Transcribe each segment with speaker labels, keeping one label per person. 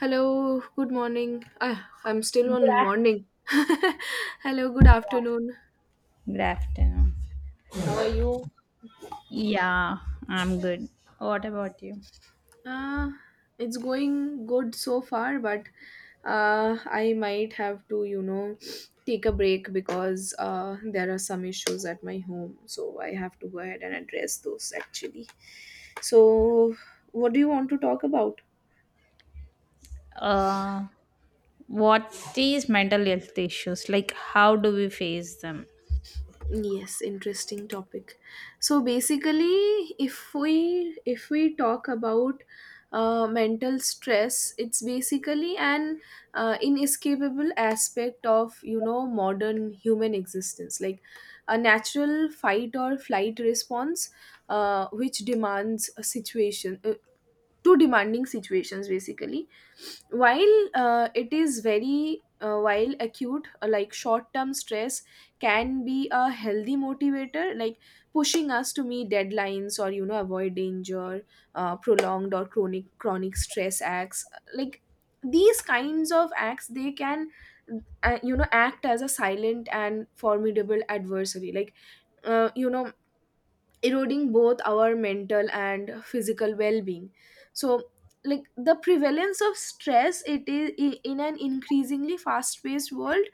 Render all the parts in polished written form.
Speaker 1: Hello, good morning. I'm still
Speaker 2: Good
Speaker 1: on morning. Hello, good
Speaker 2: afternoon.
Speaker 1: afternoon.
Speaker 2: Good afternoon.
Speaker 1: How are you?
Speaker 2: Yeah, I'm good. What about you?
Speaker 1: Uh, it's going good so far, but I might have to, take a break because there are some issues at my home. So I have to go ahead and address those actually. So, what do you want to talk about?
Speaker 2: Uh, what is mental health issues? Like, how do we face them?
Speaker 1: Yes, interesting topic. So basically, if we talk about mental stress, it's basically an inescapable aspect of modern human existence, like a natural fight or flight response, which demands a situation, to demanding situations basically. While it is very while acute, like short term stress can be a healthy motivator, like pushing us to meet deadlines or avoid danger. Prolonged or chronic stress acts like, these kinds of acts, they can act as a silent and formidable adversary, like uh, you know eroding both our mental and physical well-being. So, like the prevalence of stress, it is in an increasingly fast-paced world,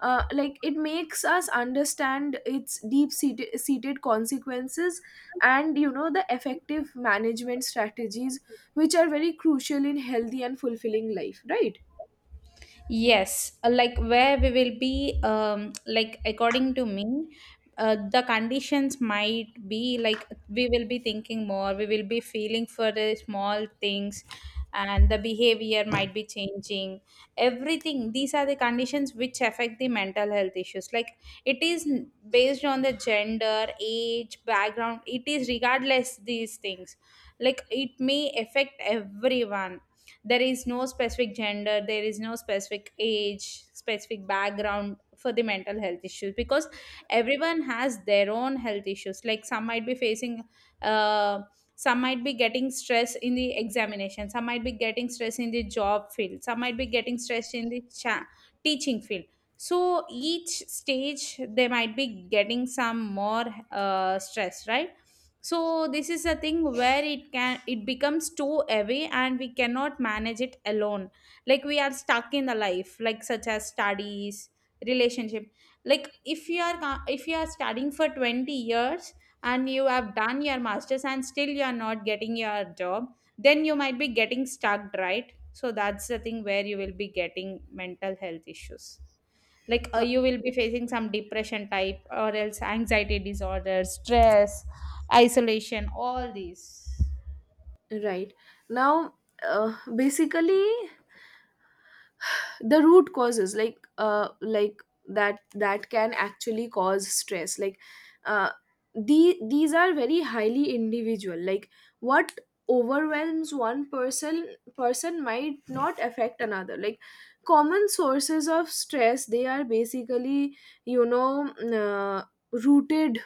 Speaker 1: like it makes us understand its deep-seated seated consequences and the effective management strategies, which are very crucial in healthy and fulfilling life, right?
Speaker 2: Yes, like where we will be, like according to me, the conditions might be like we will be thinking more, we will be feeling for the small things, and the behavior might be changing. Everything, these are the conditions which affect the mental health issues. Like it is based on the gender, age, background, it is regardless these things. Like it may affect everyone, there is no specific gender, there is no specific age specific background for the mental health issues, because everyone has their own health issues. Like some might be facing, uh, some might be getting stress in the examination, some might be getting stress in the job field, some might be getting stress in the teaching field. So each stage they might be getting some more stress, right? So this is a thing where it can, it becomes too heavy and we cannot manage it alone, like we are stuck in the life, like such as studies, relationship. Like if you are if you are studying for 20 years and you have done your masters and still you are not getting your job, then you might be getting stuck, right? So that's the thing where you will be getting mental health issues. Like
Speaker 1: uh,
Speaker 2: you will be facing some depression type or else anxiety disorder, stress, isolation, all these.
Speaker 1: right now, basically, the root causes, like that can actually cause stress, like uh these are very highly individual, like what overwhelms one person might not affect another. Like common sources of stress, they are basically you know mm, uh, rooted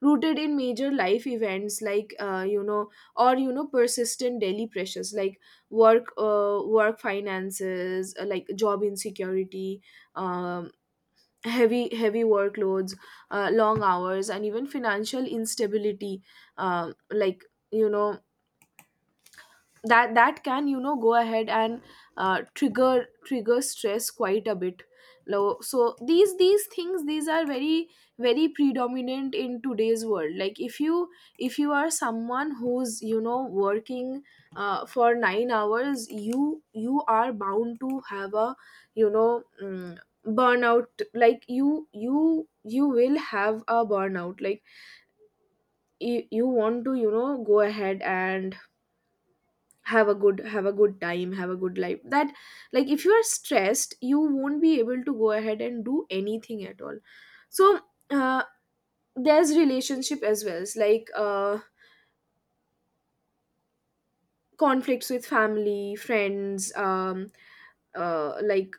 Speaker 1: rooted in major life events, like or persistent daily pressures, like work, finances, like job insecurity, um, heavy workloads, long hours, and even financial instability. Like, you know that can go ahead and trigger stress quite a bit. So these things, these are very very predominant in today's world. Like if you are someone who's working for 9 hours, you are bound to have a you know mm, burnout. Like you will have a burnout. Like you want to go ahead and have a good time, have a good life. That, like if you are stressed, you won't be able to go ahead and do anything at all. So, uh, there's relationship as well. It's like conflicts with family, friends, like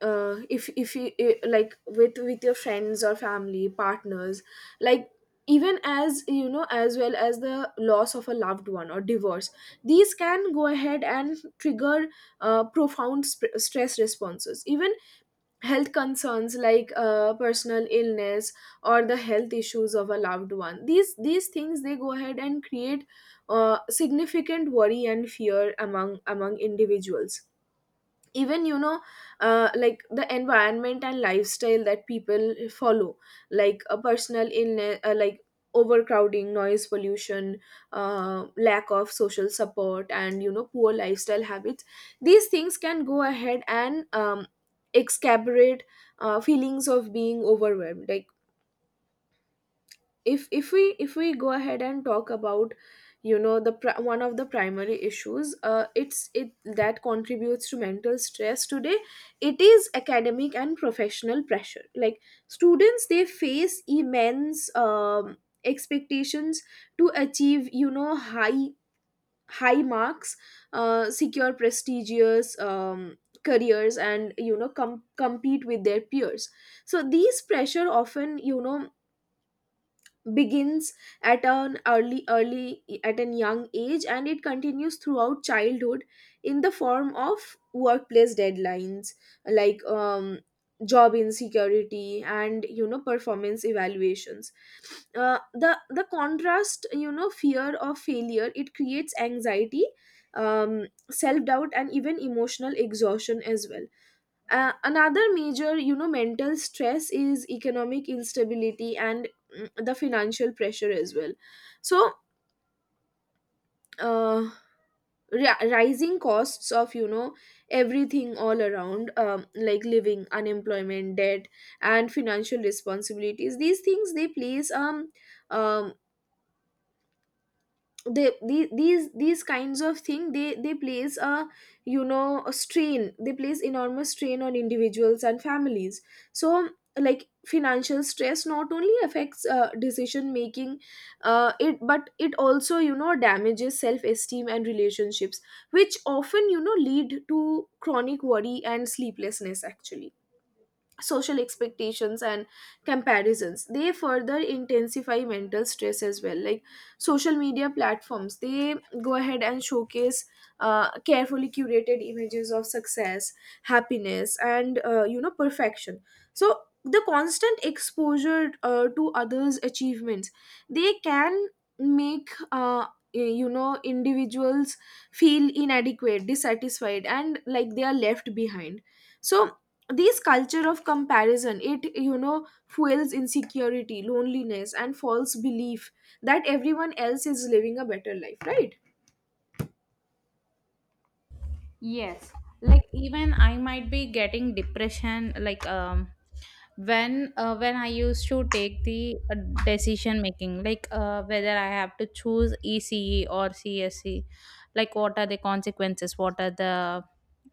Speaker 1: if you like with your friends or family partners, like even, as you know as well as the loss of a loved one or divorce, these can go ahead and trigger profound stress responses. Even health concerns, like personal illness or the health issues of a loved one, these things, they go ahead and create significant worry and fear among individuals. Even, like the environment and lifestyle that people follow, like a personal illness, like overcrowding, noise pollution, lack of social support, and poor lifestyle habits, these things can go ahead and exacerbate feelings of being overwhelmed. Like if we go ahead and talk about, one of the primary issues, it's it that contributes to mental stress today, it is academic and professional pressure. Like students, they face immense expectations to achieve high marks, secure prestigious careers, and compete with their peers. So these pressure often begins at an young age, and it continues throughout childhood in the form of workplace deadlines, like job insecurity and performance evaluations. The contrast, fear of failure, it creates anxiety, self doubt and even emotional exhaustion as well. Another major, mental stress is economic instability and, the financial pressure as well. So, uh, rising costs of everything all around, like living, unemployment, debt and financial responsibilities, these things, they place, um these kinds of thing, they place a, a strain, they place enormous strain on individuals and families. So, like financial stress not only affects decision making, it but it also damages self esteem and relationships, which often lead to chronic worry and sleeplessness actually. Social expectations and comparisons, they further intensify mental stress as well. Like social media platforms, they go ahead and showcase carefully curated images of success, happiness and, perfection. So the constant exposure to others achievements, they can make, individuals feel inadequate, dissatisfied and like they are left behind. So this culture of comparison, it fuels insecurity, loneliness and false belief that everyone else is living a better life, right?
Speaker 2: Yes, like even I might be getting depression, like um, when when I used to take the decision making, like whether I have to choose ECE or CSE, like what are the consequences, what are the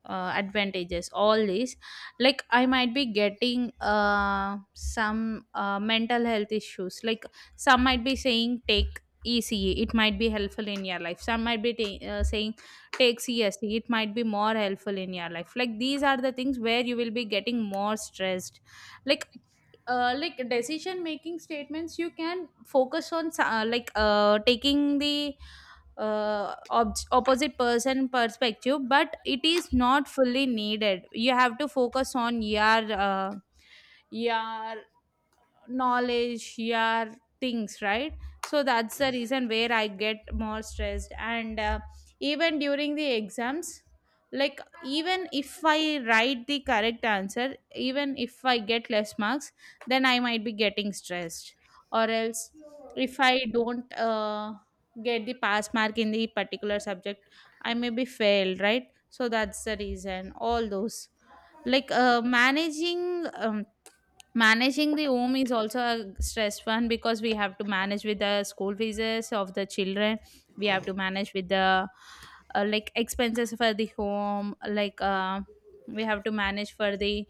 Speaker 2: advantages, all these. Like I might be getting some mental health issues. Like some might be saying take ECE, it might be helpful in your life, some might be saying takes yes, it might be more helpful in your life. Like these are the things where you will be getting more stressed. Like like decision making statements you can focus on, like taking the opposite person perspective, but it is not fully needed. You have to focus on your knowledge, your things, right? So that's the reason where I get more stressed, and even during the exams, like even if I write the correct answer, even if I get less marks, then I might be getting stressed. Or else if I don't get the pass mark in the particular subject, I may be failed, right? So that's the reason all those, like managing managing the home is also a stress one, because we have to manage with the school fees of the children. We have to manage with the like expenses for the home. Like we have to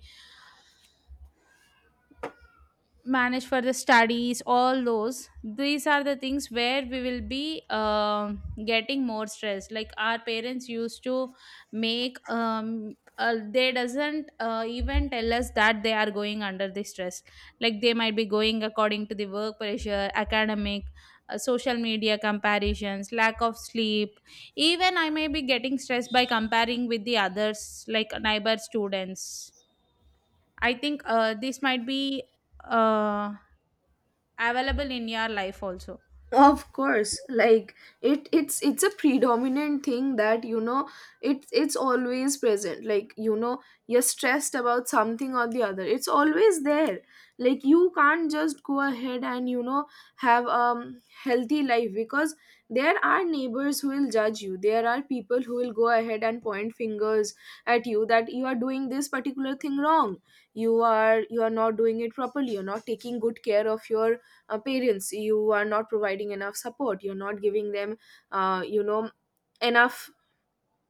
Speaker 2: manage for the studies, all those. These are the things where we will be um, getting more stress. Like our parents used to make um, they doesn't even tell us that they are going under the stress. Like they might be going according to the work pressure, academic, social media comparisons, lack of sleep. Even I may be getting stressed by comparing with the others, like neighbor students. I think this might be uh, available in your life also.
Speaker 1: Of course. Like it's a predominant thing, that it's always present. Like you're stressed about something or the other, it's always there. Like you can't just go ahead and have healthy life, because there are neighbors who will judge you, there are people who will go ahead and point fingers at you, that you are doing this particular thing wrong. You are not doing it properly, you're not taking good care of your parents, you are not providing enough support, you're not giving them uh, you know enough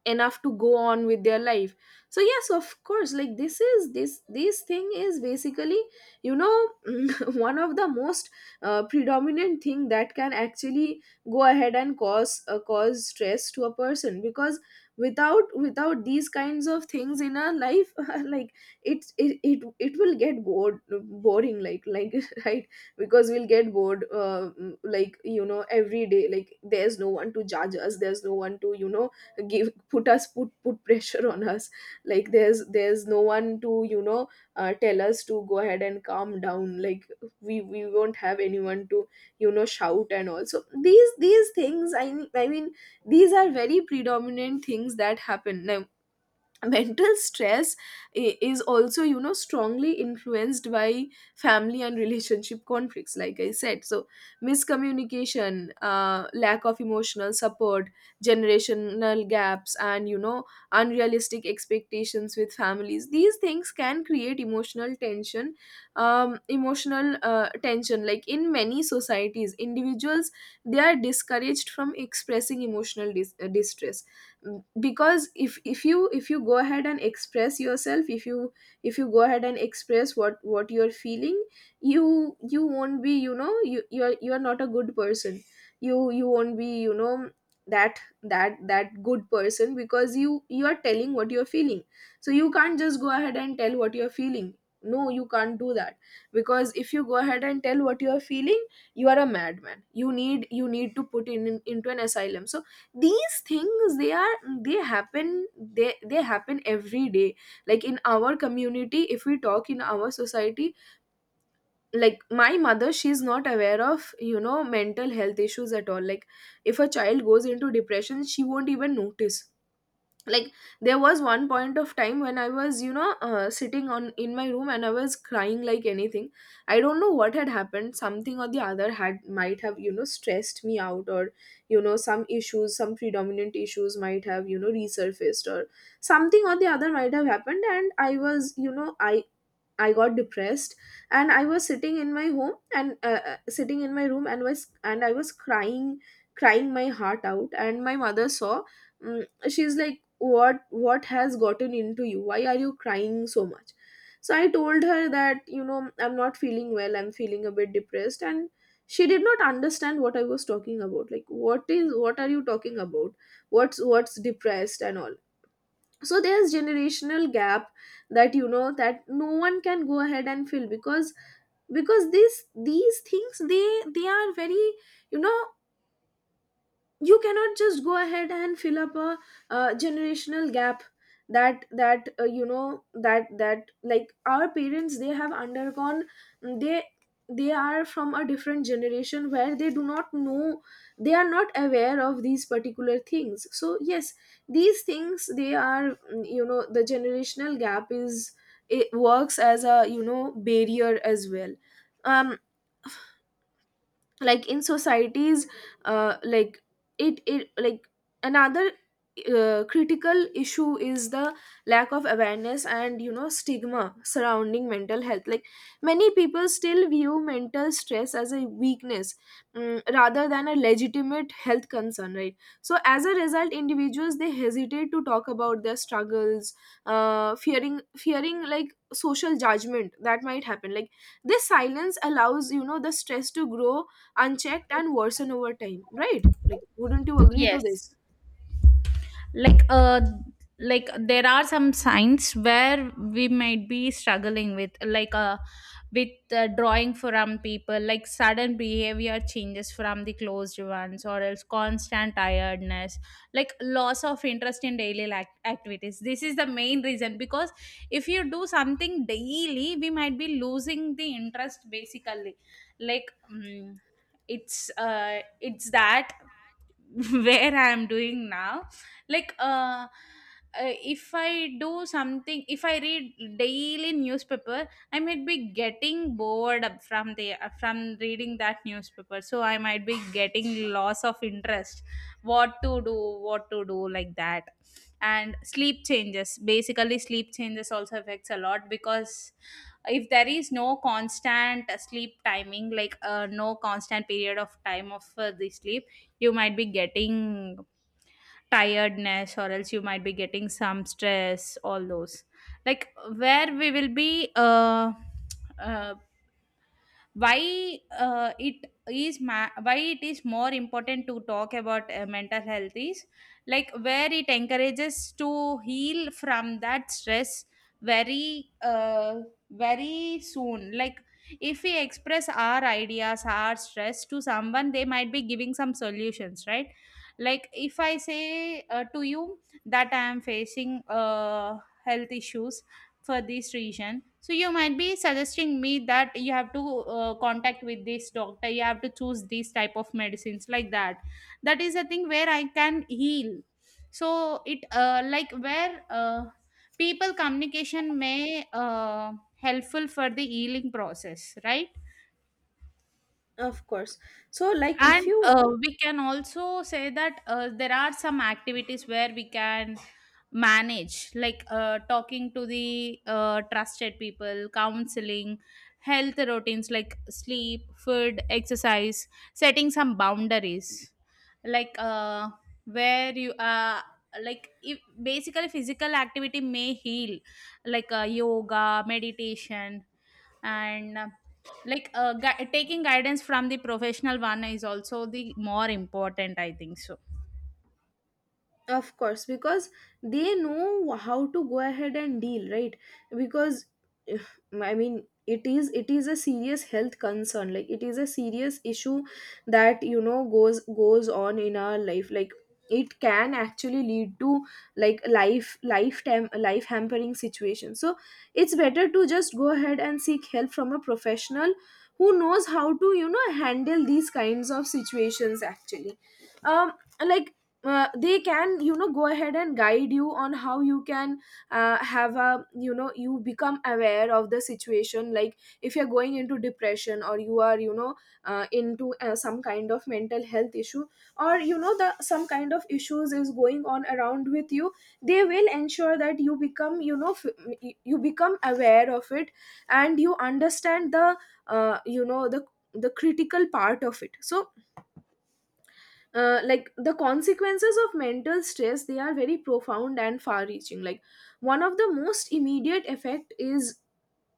Speaker 1: enough to go on with their life. So yes, of course. Like this thing is basically, you know one of the most predominant thing that can actually go ahead and cause stress to a person, because without these kinds of things in our life, like it will get bored boring, like right. Because we'll get bored. Like every day, like there's no one to judge us, there's no one to give put us put pressure on us. Like there's no one to tell us to go ahead and calm down. Like we won't have anyone to shout and all. So these things, I mean, these are very predominant things that happen. Mental stress is also strongly influenced by family and relationship conflicts, like I said. So miscommunication, lack of emotional support, generational gaps and unrealistic expectations with families, these things can create emotional tension, emotional tension. Like in many societies, individuals, they are discouraged from expressing emotional distress. Because if you go ahead and express yourself, if you go ahead and express what you're feeling, you won't be, you're not a good person, you won't be, that, that good person, because you are telling what you're feeling. So you can't just go ahead and tell what you're feeling. No, you can't do that. Because if you go ahead and tell what you're feeling, you are a madman. You need, to put in into an asylum. So these things they are, they happen, they happen every day. Like in our community, if we talk, in our society, like my mother, she's not aware of mental health issues at all. Like if a child goes into depression, she won't even notice. Like there was one point of time when I was sitting on in my room and I was crying like anything. I don't know what had happened. Something or the other had might have stressed me out, or some issues, some predominant issues might have resurfaced, or something or the other might have happened, and I was, I got depressed. And I was sitting in my home and, sitting in my room, and I was crying, crying my heart out, and my mother saw. She's like, what has gotten into you, why are you crying so much? So I told her that, I'm not feeling well, I'm feeling a bit depressed. And she did not understand what I was talking about, like, what are you talking about, what's depressed and all. So there's generational gap, that that no one can go ahead and fill, because this these things, they are very, you know you cannot just go ahead and fill up a generational gap, that that, like our parents, they have undergone, they they are from a different generation where they do not know, they are not aware of these particular things. So yes, these things they are, the generational gap is. It works as a, you know, barrier as well. um in societies, like it like another critical issue is the lack of awareness and, you know, stigma surrounding mental health. Like, many people still view mental stress as a weakness rather than a legitimate health concern, right? So as a result, individuals they hesitate to talk about their struggles, fearing like social judgment that might happen. Like, this silence allows, you know, the stress to grow unchecked and worsen over time, right? Like, wouldn't you agree to
Speaker 2: Yes.
Speaker 1: this?
Speaker 2: Like like there are some signs where we might be struggling with, like with drawing from people, like sudden behavior changes from the closed ones or else constant tiredness, like loss of interest in daily lac activities. This is the main reason, because if you do something daily we might be losing the interest basically. Like it's that where I'm doing now. Like uh, if I do something, if I read daily newspaper, I might be getting bored up from the from reading that newspaper, so I might be getting loss of interest. What to do, what to do, like that. And sleep changes, basically sleep changes also affects a lot, because if there is no constant sleep timing, like no constant period of time of the sleep, you might be getting tiredness or else you might be getting some stress, all those, like where we will be uh why it is why it is more important to talk about mental health is like where it encourages to heal from that stress very very soon. Like if we express our ideas, our stress to someone, they might be giving some solutions, right? Like if I say to you that I am facing health issues for this reason, so you might be suggesting me that you have to contact with this doctor, you have to choose these type of medicines, like that. That is a thing where I can heal. So it like where people communication may helpful for the healing process, right?
Speaker 1: Of course. So, like,
Speaker 2: And
Speaker 1: if you want
Speaker 2: we can also say that there are some activities where we can manage, like talking to the trusted people, counseling, health routines like sleep, food, exercise, setting some boundaries, like where you are, like if, basically physical activity may heal, like yoga, meditation, and like taking guidance from the professional one is also the more important, I think so.
Speaker 1: of course, because they know how to go ahead and deal, right? Because I mean, it is a serious health concern. Like, it is a serious issue that, you know, goes on in our life. Like, it can actually lead to like life hampering situation. So it's better to just go ahead and seek help from a professional who knows how to, you know, handle these kinds of situations actually. um like, they can, you know, go ahead and guide you on how you can have a, you know, you become aware of the situation. Like, if you're going into depression or you are, you know, into some kind of mental health issue, or, you know, the some kind of issues is going on around with you, they will ensure that you become, you know, you become aware of it, and you understand the you know, the critical part of it. So like, the consequences of mental stress, they are very profound and far reaching. Like, one of the most immediate effect is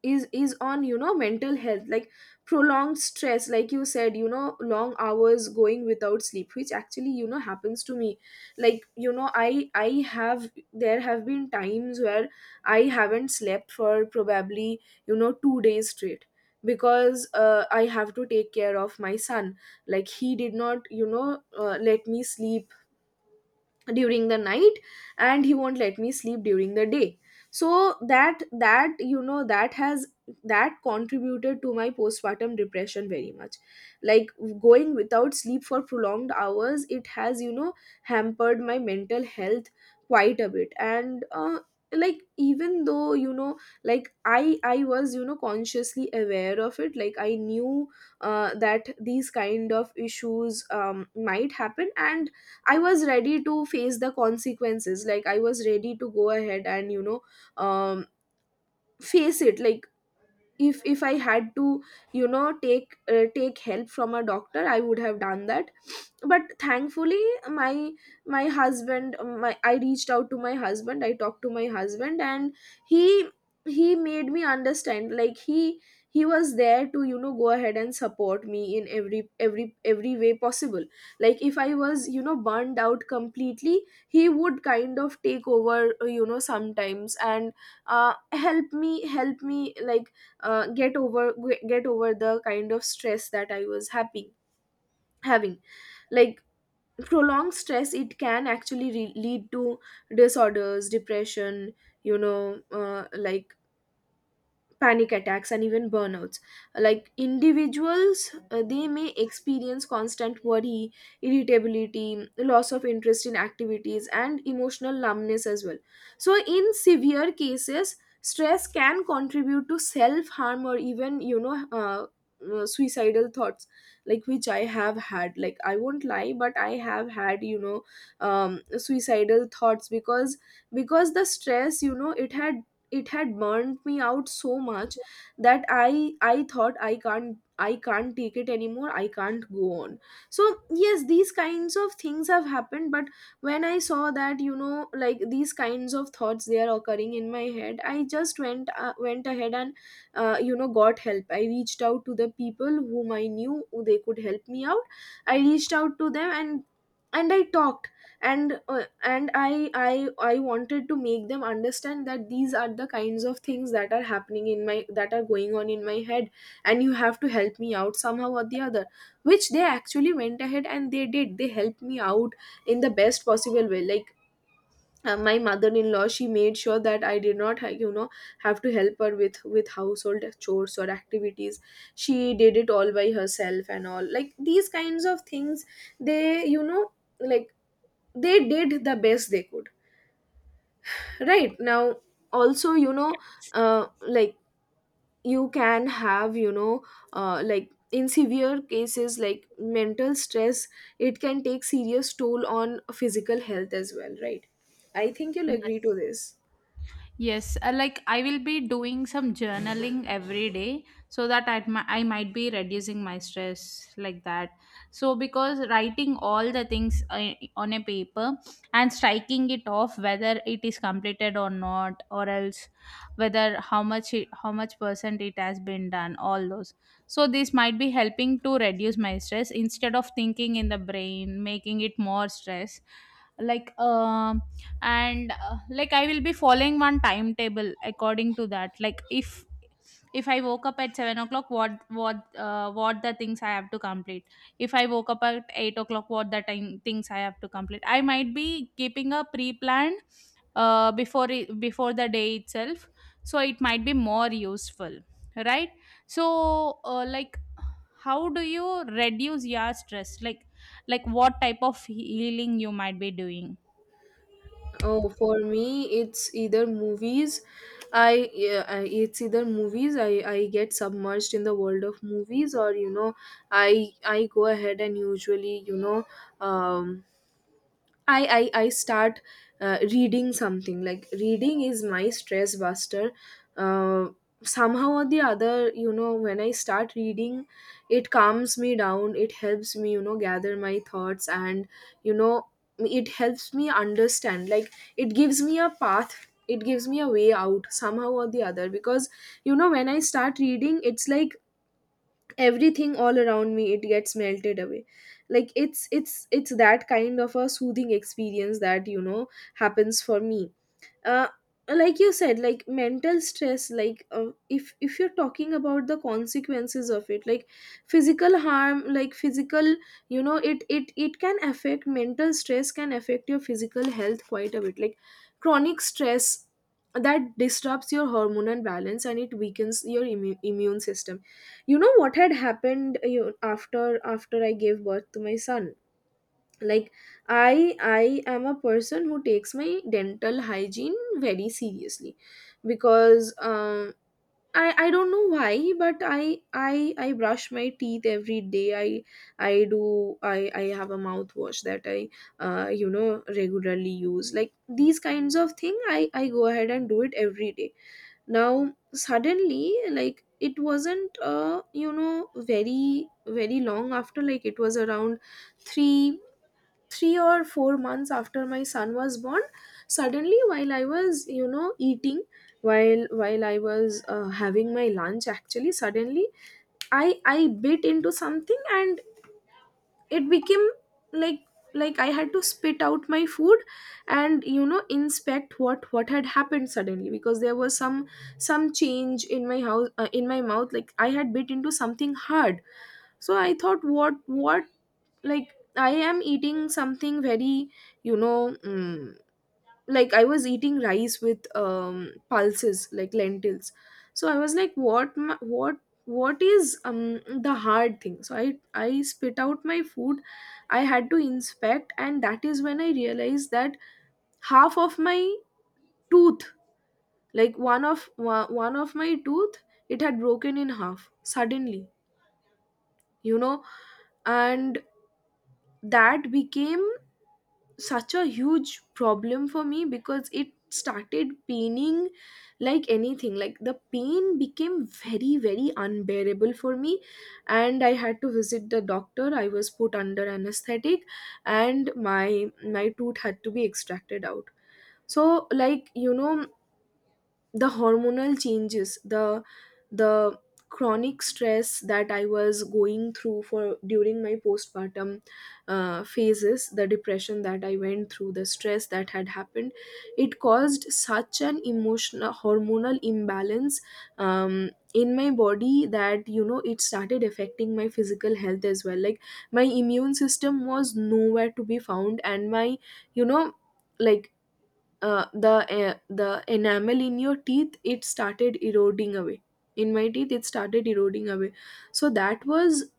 Speaker 1: is on, you know, mental health. Like, prolonged stress, like you said, you know, long hours going without sleep, which actually, you know, happens to me. Like, you know, I have there have been times where I haven't slept for probably, you know, 2 days straight, because I have to take care of my son. Like, he did not, you know, let me sleep during the night, and he won't let me sleep during the day. So that, you know, that contributed to my postpartum depression very much. Like, going without sleep for prolonged hours, it has, you know, hampered my mental health quite a bit. And like, even though, you know, like, I was, you know, consciously aware of it. Like, I knew that these kind of issues might happen, and I was ready to face the consequences. Like, I was ready to go ahead and, you know, um, face it. Like, if I had to, you know, take take help from a doctor, I would have done that. But thankfully, my my husband, my, I reached out to my husband, I talked to my husband, and he he made me understand. Like, he was there to, you know, go ahead and support me in every way possible. Like, if I was, you know, burned out completely, he would kind of take over, you know, sometimes, and help me like uh, get over get over the kind of stress that I was happy having. Like, prolonged stress, it can actually lead to disorders, depression, you know, like panic attacks and even burnouts. Like, individuals they may experience constant worry, irritability, loss of interest in activities, and emotional numbness as well. So in severe cases, stress can contribute to self harm or even, you know, suicidal thoughts. Like, which I have had. Like, I won't lie, but I have had, you know, suicidal thoughts, because the stress, you know, it had burned me out so much that I thought I can't, I can't take it anymore, I can't go on. So yes, these kinds of things have happened. But when I saw that, you know, like these kinds of thoughts, they are occurring in my head, I just went went ahead and you know, got help. I reached out to the people whom I knew who they could help me out. I reached out to them, and I talked, and I wanted to make them understand that these are the kinds of things that are happening in my that are going on in my head, and you have to help me out somehow or the other. Which they actually went ahead and they did, they helped me out in the best possible way. Like, my mother-in-law, she made sure that I did not you know, have to help her with household chores or activities. She did it all by herself. And all like these kinds of things, they, you know, like they did the best they could. Right now also, you know,
Speaker 2: Yes,
Speaker 1: like, you can have, you know, like in severe cases, like mental stress, it can take serious toll on physical health as well, right? I think you'll agree
Speaker 2: yes.
Speaker 1: to this.
Speaker 2: Yes, like I will be doing some journaling every day, so that I, I might be reducing my stress like that. So, because writing all the things on a paper and striking it off, whether it is completed or not, or else whether how much it, how much percent it has been done, all those. So, this might be helping to reduce my stress instead of thinking in the brain, making it more stress, like um, and like I will be following one timetable according to that. Like if I woke up at 7 o'clock, what what the things I have to complete, if I woke up at 8 o'clock, what the time things I have to complete, I might be keeping a pre-plan before it, before the day itself, so it might be more useful, right? So like how do you reduce your stress, like what type of healing you might be doing.
Speaker 1: Oh, for me, it's either movies, I yeah, it's either movies. I get submerged in the world of movies, or, you know, I go ahead and usually, you know, um I I start reading something. Like, reading is my stress buster. Uh, Somehow or the other, you know, when I start reading, it calms me down. It helps me, you know, gather my thoughts and, you know, it helps me understand. Like, it gives me a path. It gives me a way out somehow or the other, because, you know, when I start reading, it's like everything all around me, it gets melted away. Like, it's it's that kind of a soothing experience that, you know, happens for me. uh, like you said, like mental stress, like if you're talking about the consequences of it, like physical harm, like physical, you know, it can affect, mental stress can affect your physical health quite a bit. Like, chronic stress that disrupts your hormonal balance, and it weakens your immune system. You know what had happened, you know, after after I gave birth to my son. Like, I am a person who takes my dental hygiene very seriously, because I don't know why, but I brush my teeth every day. I do, I have a mouthwash that I you know, regularly use. Like, these kinds of thing, I go ahead and do it every day. Now suddenly, like it wasn't uh, you know, very very long after. Like, it was around three 3 or 4 months after my son was born. Suddenly, while I was, you know, eating, while I was, having my lunch actually, suddenly I bit into something and it became like like I had to spit out my food and, you know, inspect what had happened suddenly, because there was some change in my house, in my mouth. Like, I had bit into something hard. So I thought what, like I am eating something very, you know, like I was eating rice with um, pulses, like lentils. So I was like, what what is um, the hard thing. So I spit out my food, I had to inspect, and that is when I realized that half of my tooth, like one of my tooth, it had broken in half suddenly, you know. And that became such a huge problem for me, because it started paining like anything. Like, the pain became very, very unbearable for me, and I had to visit the doctor. I was put under anesthetic, and my tooth had to be extracted out. So like, you know, the hormonal changes, the chronic stress that I was going through for during my postpartum phases, the depression that I went through, the stress that had happened, it caused such an emotional hormonal imbalance in my body, that, you know, it started affecting my physical health as well. Like, my immune system was nowhere to be found, and my, you know, like uh, the the enamel in your teeth, it started eroding away, in my teeth it started eroding away. So that was,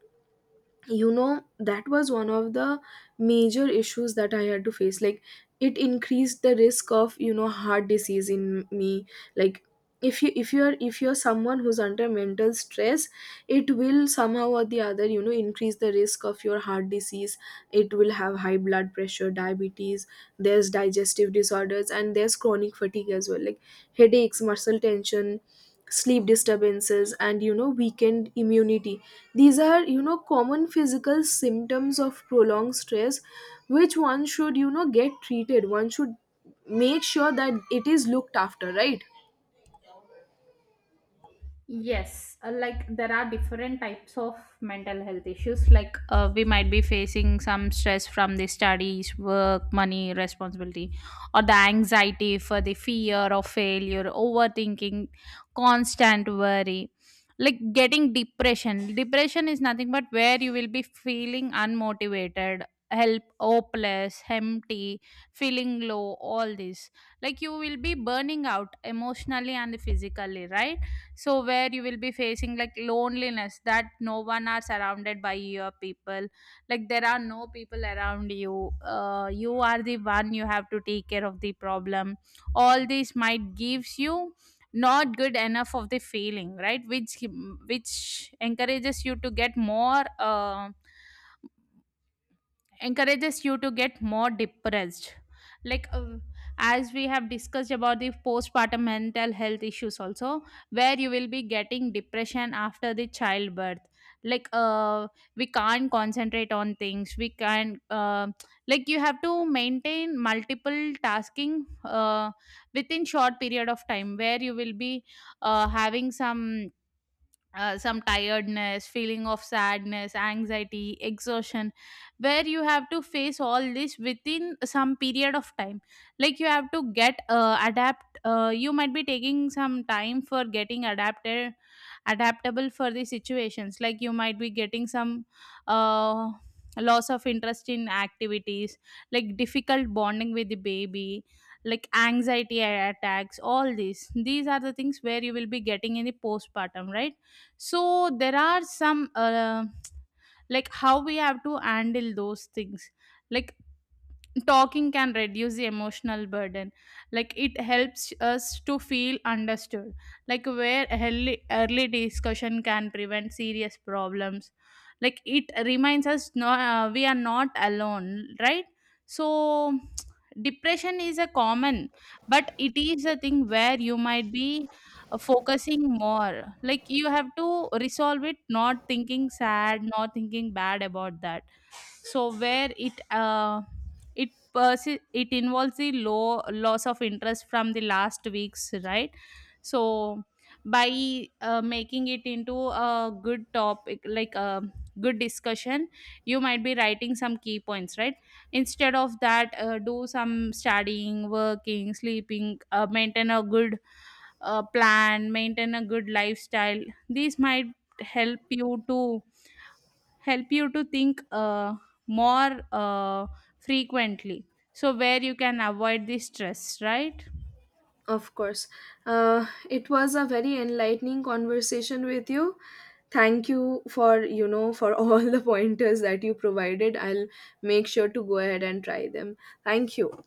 Speaker 1: you know, that was one of the major issues that I had to face. Like, it increased the risk of, you know, heart disease in me. Like, if you if you're someone who's under mental stress, it will somehow or the other, you know, increase the risk of your heart disease. It will have high blood pressure, diabetes, there's digestive disorders, and there's chronic fatigue as well. Like, headaches, muscle tension, sleep disturbances, and, you know, weakened immunity, these are, you know, common physical symptoms of prolonged stress, which one should, you know, get treated, one should make sure that it is looked after, right?
Speaker 2: Yes, like there are different types of mental health issues. Like we might be facing some stress from the studies, work, money, responsibility, or the anxiety for the fear of failure, overthinking, constant worry. Like getting depression. Depression is nothing but where you will be feeling unmotivated, help, hopeless, empty, feeling low, all this. Like you will be burning out emotionally and physically, right? So where you will be facing like loneliness, that no one are surrounded by your people, like there are no people around you, you are the one, you have to take care of the problem, all this might gives you not good enough of the feeling, right? Which encourages you to get more depressed. Like as we have discussed about the postpartum mental health issues also, where you will be getting depression after the childbirth. Like we can't concentrate on things, we can like you have to maintain multiple tasking within short period of time, where you will be having some tiredness, feeling of sadness, anxiety, exhaustion, where you have to face all this within some period of time. Like you have to get adapt. You might be taking some time for getting adapted, adaptable for the situations. Like you might be getting some. Uh, loss of interest in activities, like difficult bonding with the baby, like anxiety attacks, all these. These are the things where you will be getting in the postpartum, right? So there are some like how we have to handle those things. Like talking can reduce the emotional burden, like it helps us to feel understood. Like where early discussion can prevent serious problems, like it reminds us no, we are not alone, right? So depression is a common, but it is a thing where you might be focusing more, like you have to resolve it, not thinking sad, not thinking bad about that. So where it it it involves the low loss of interest from the last week's, right? So by making it into a good topic, like a good discussion, you might be writing some key points, right? Instead of that do some studying, working, sleeping, maintain a good plan, maintain a good lifestyle. These might help you to help you to think more frequently, so where you can avoid the stress, right?
Speaker 1: Of course. It was a very enlightening conversation with you. Thank you for, you know, for all the pointers that you provided. I'll make sure to go ahead and try them. Thank you.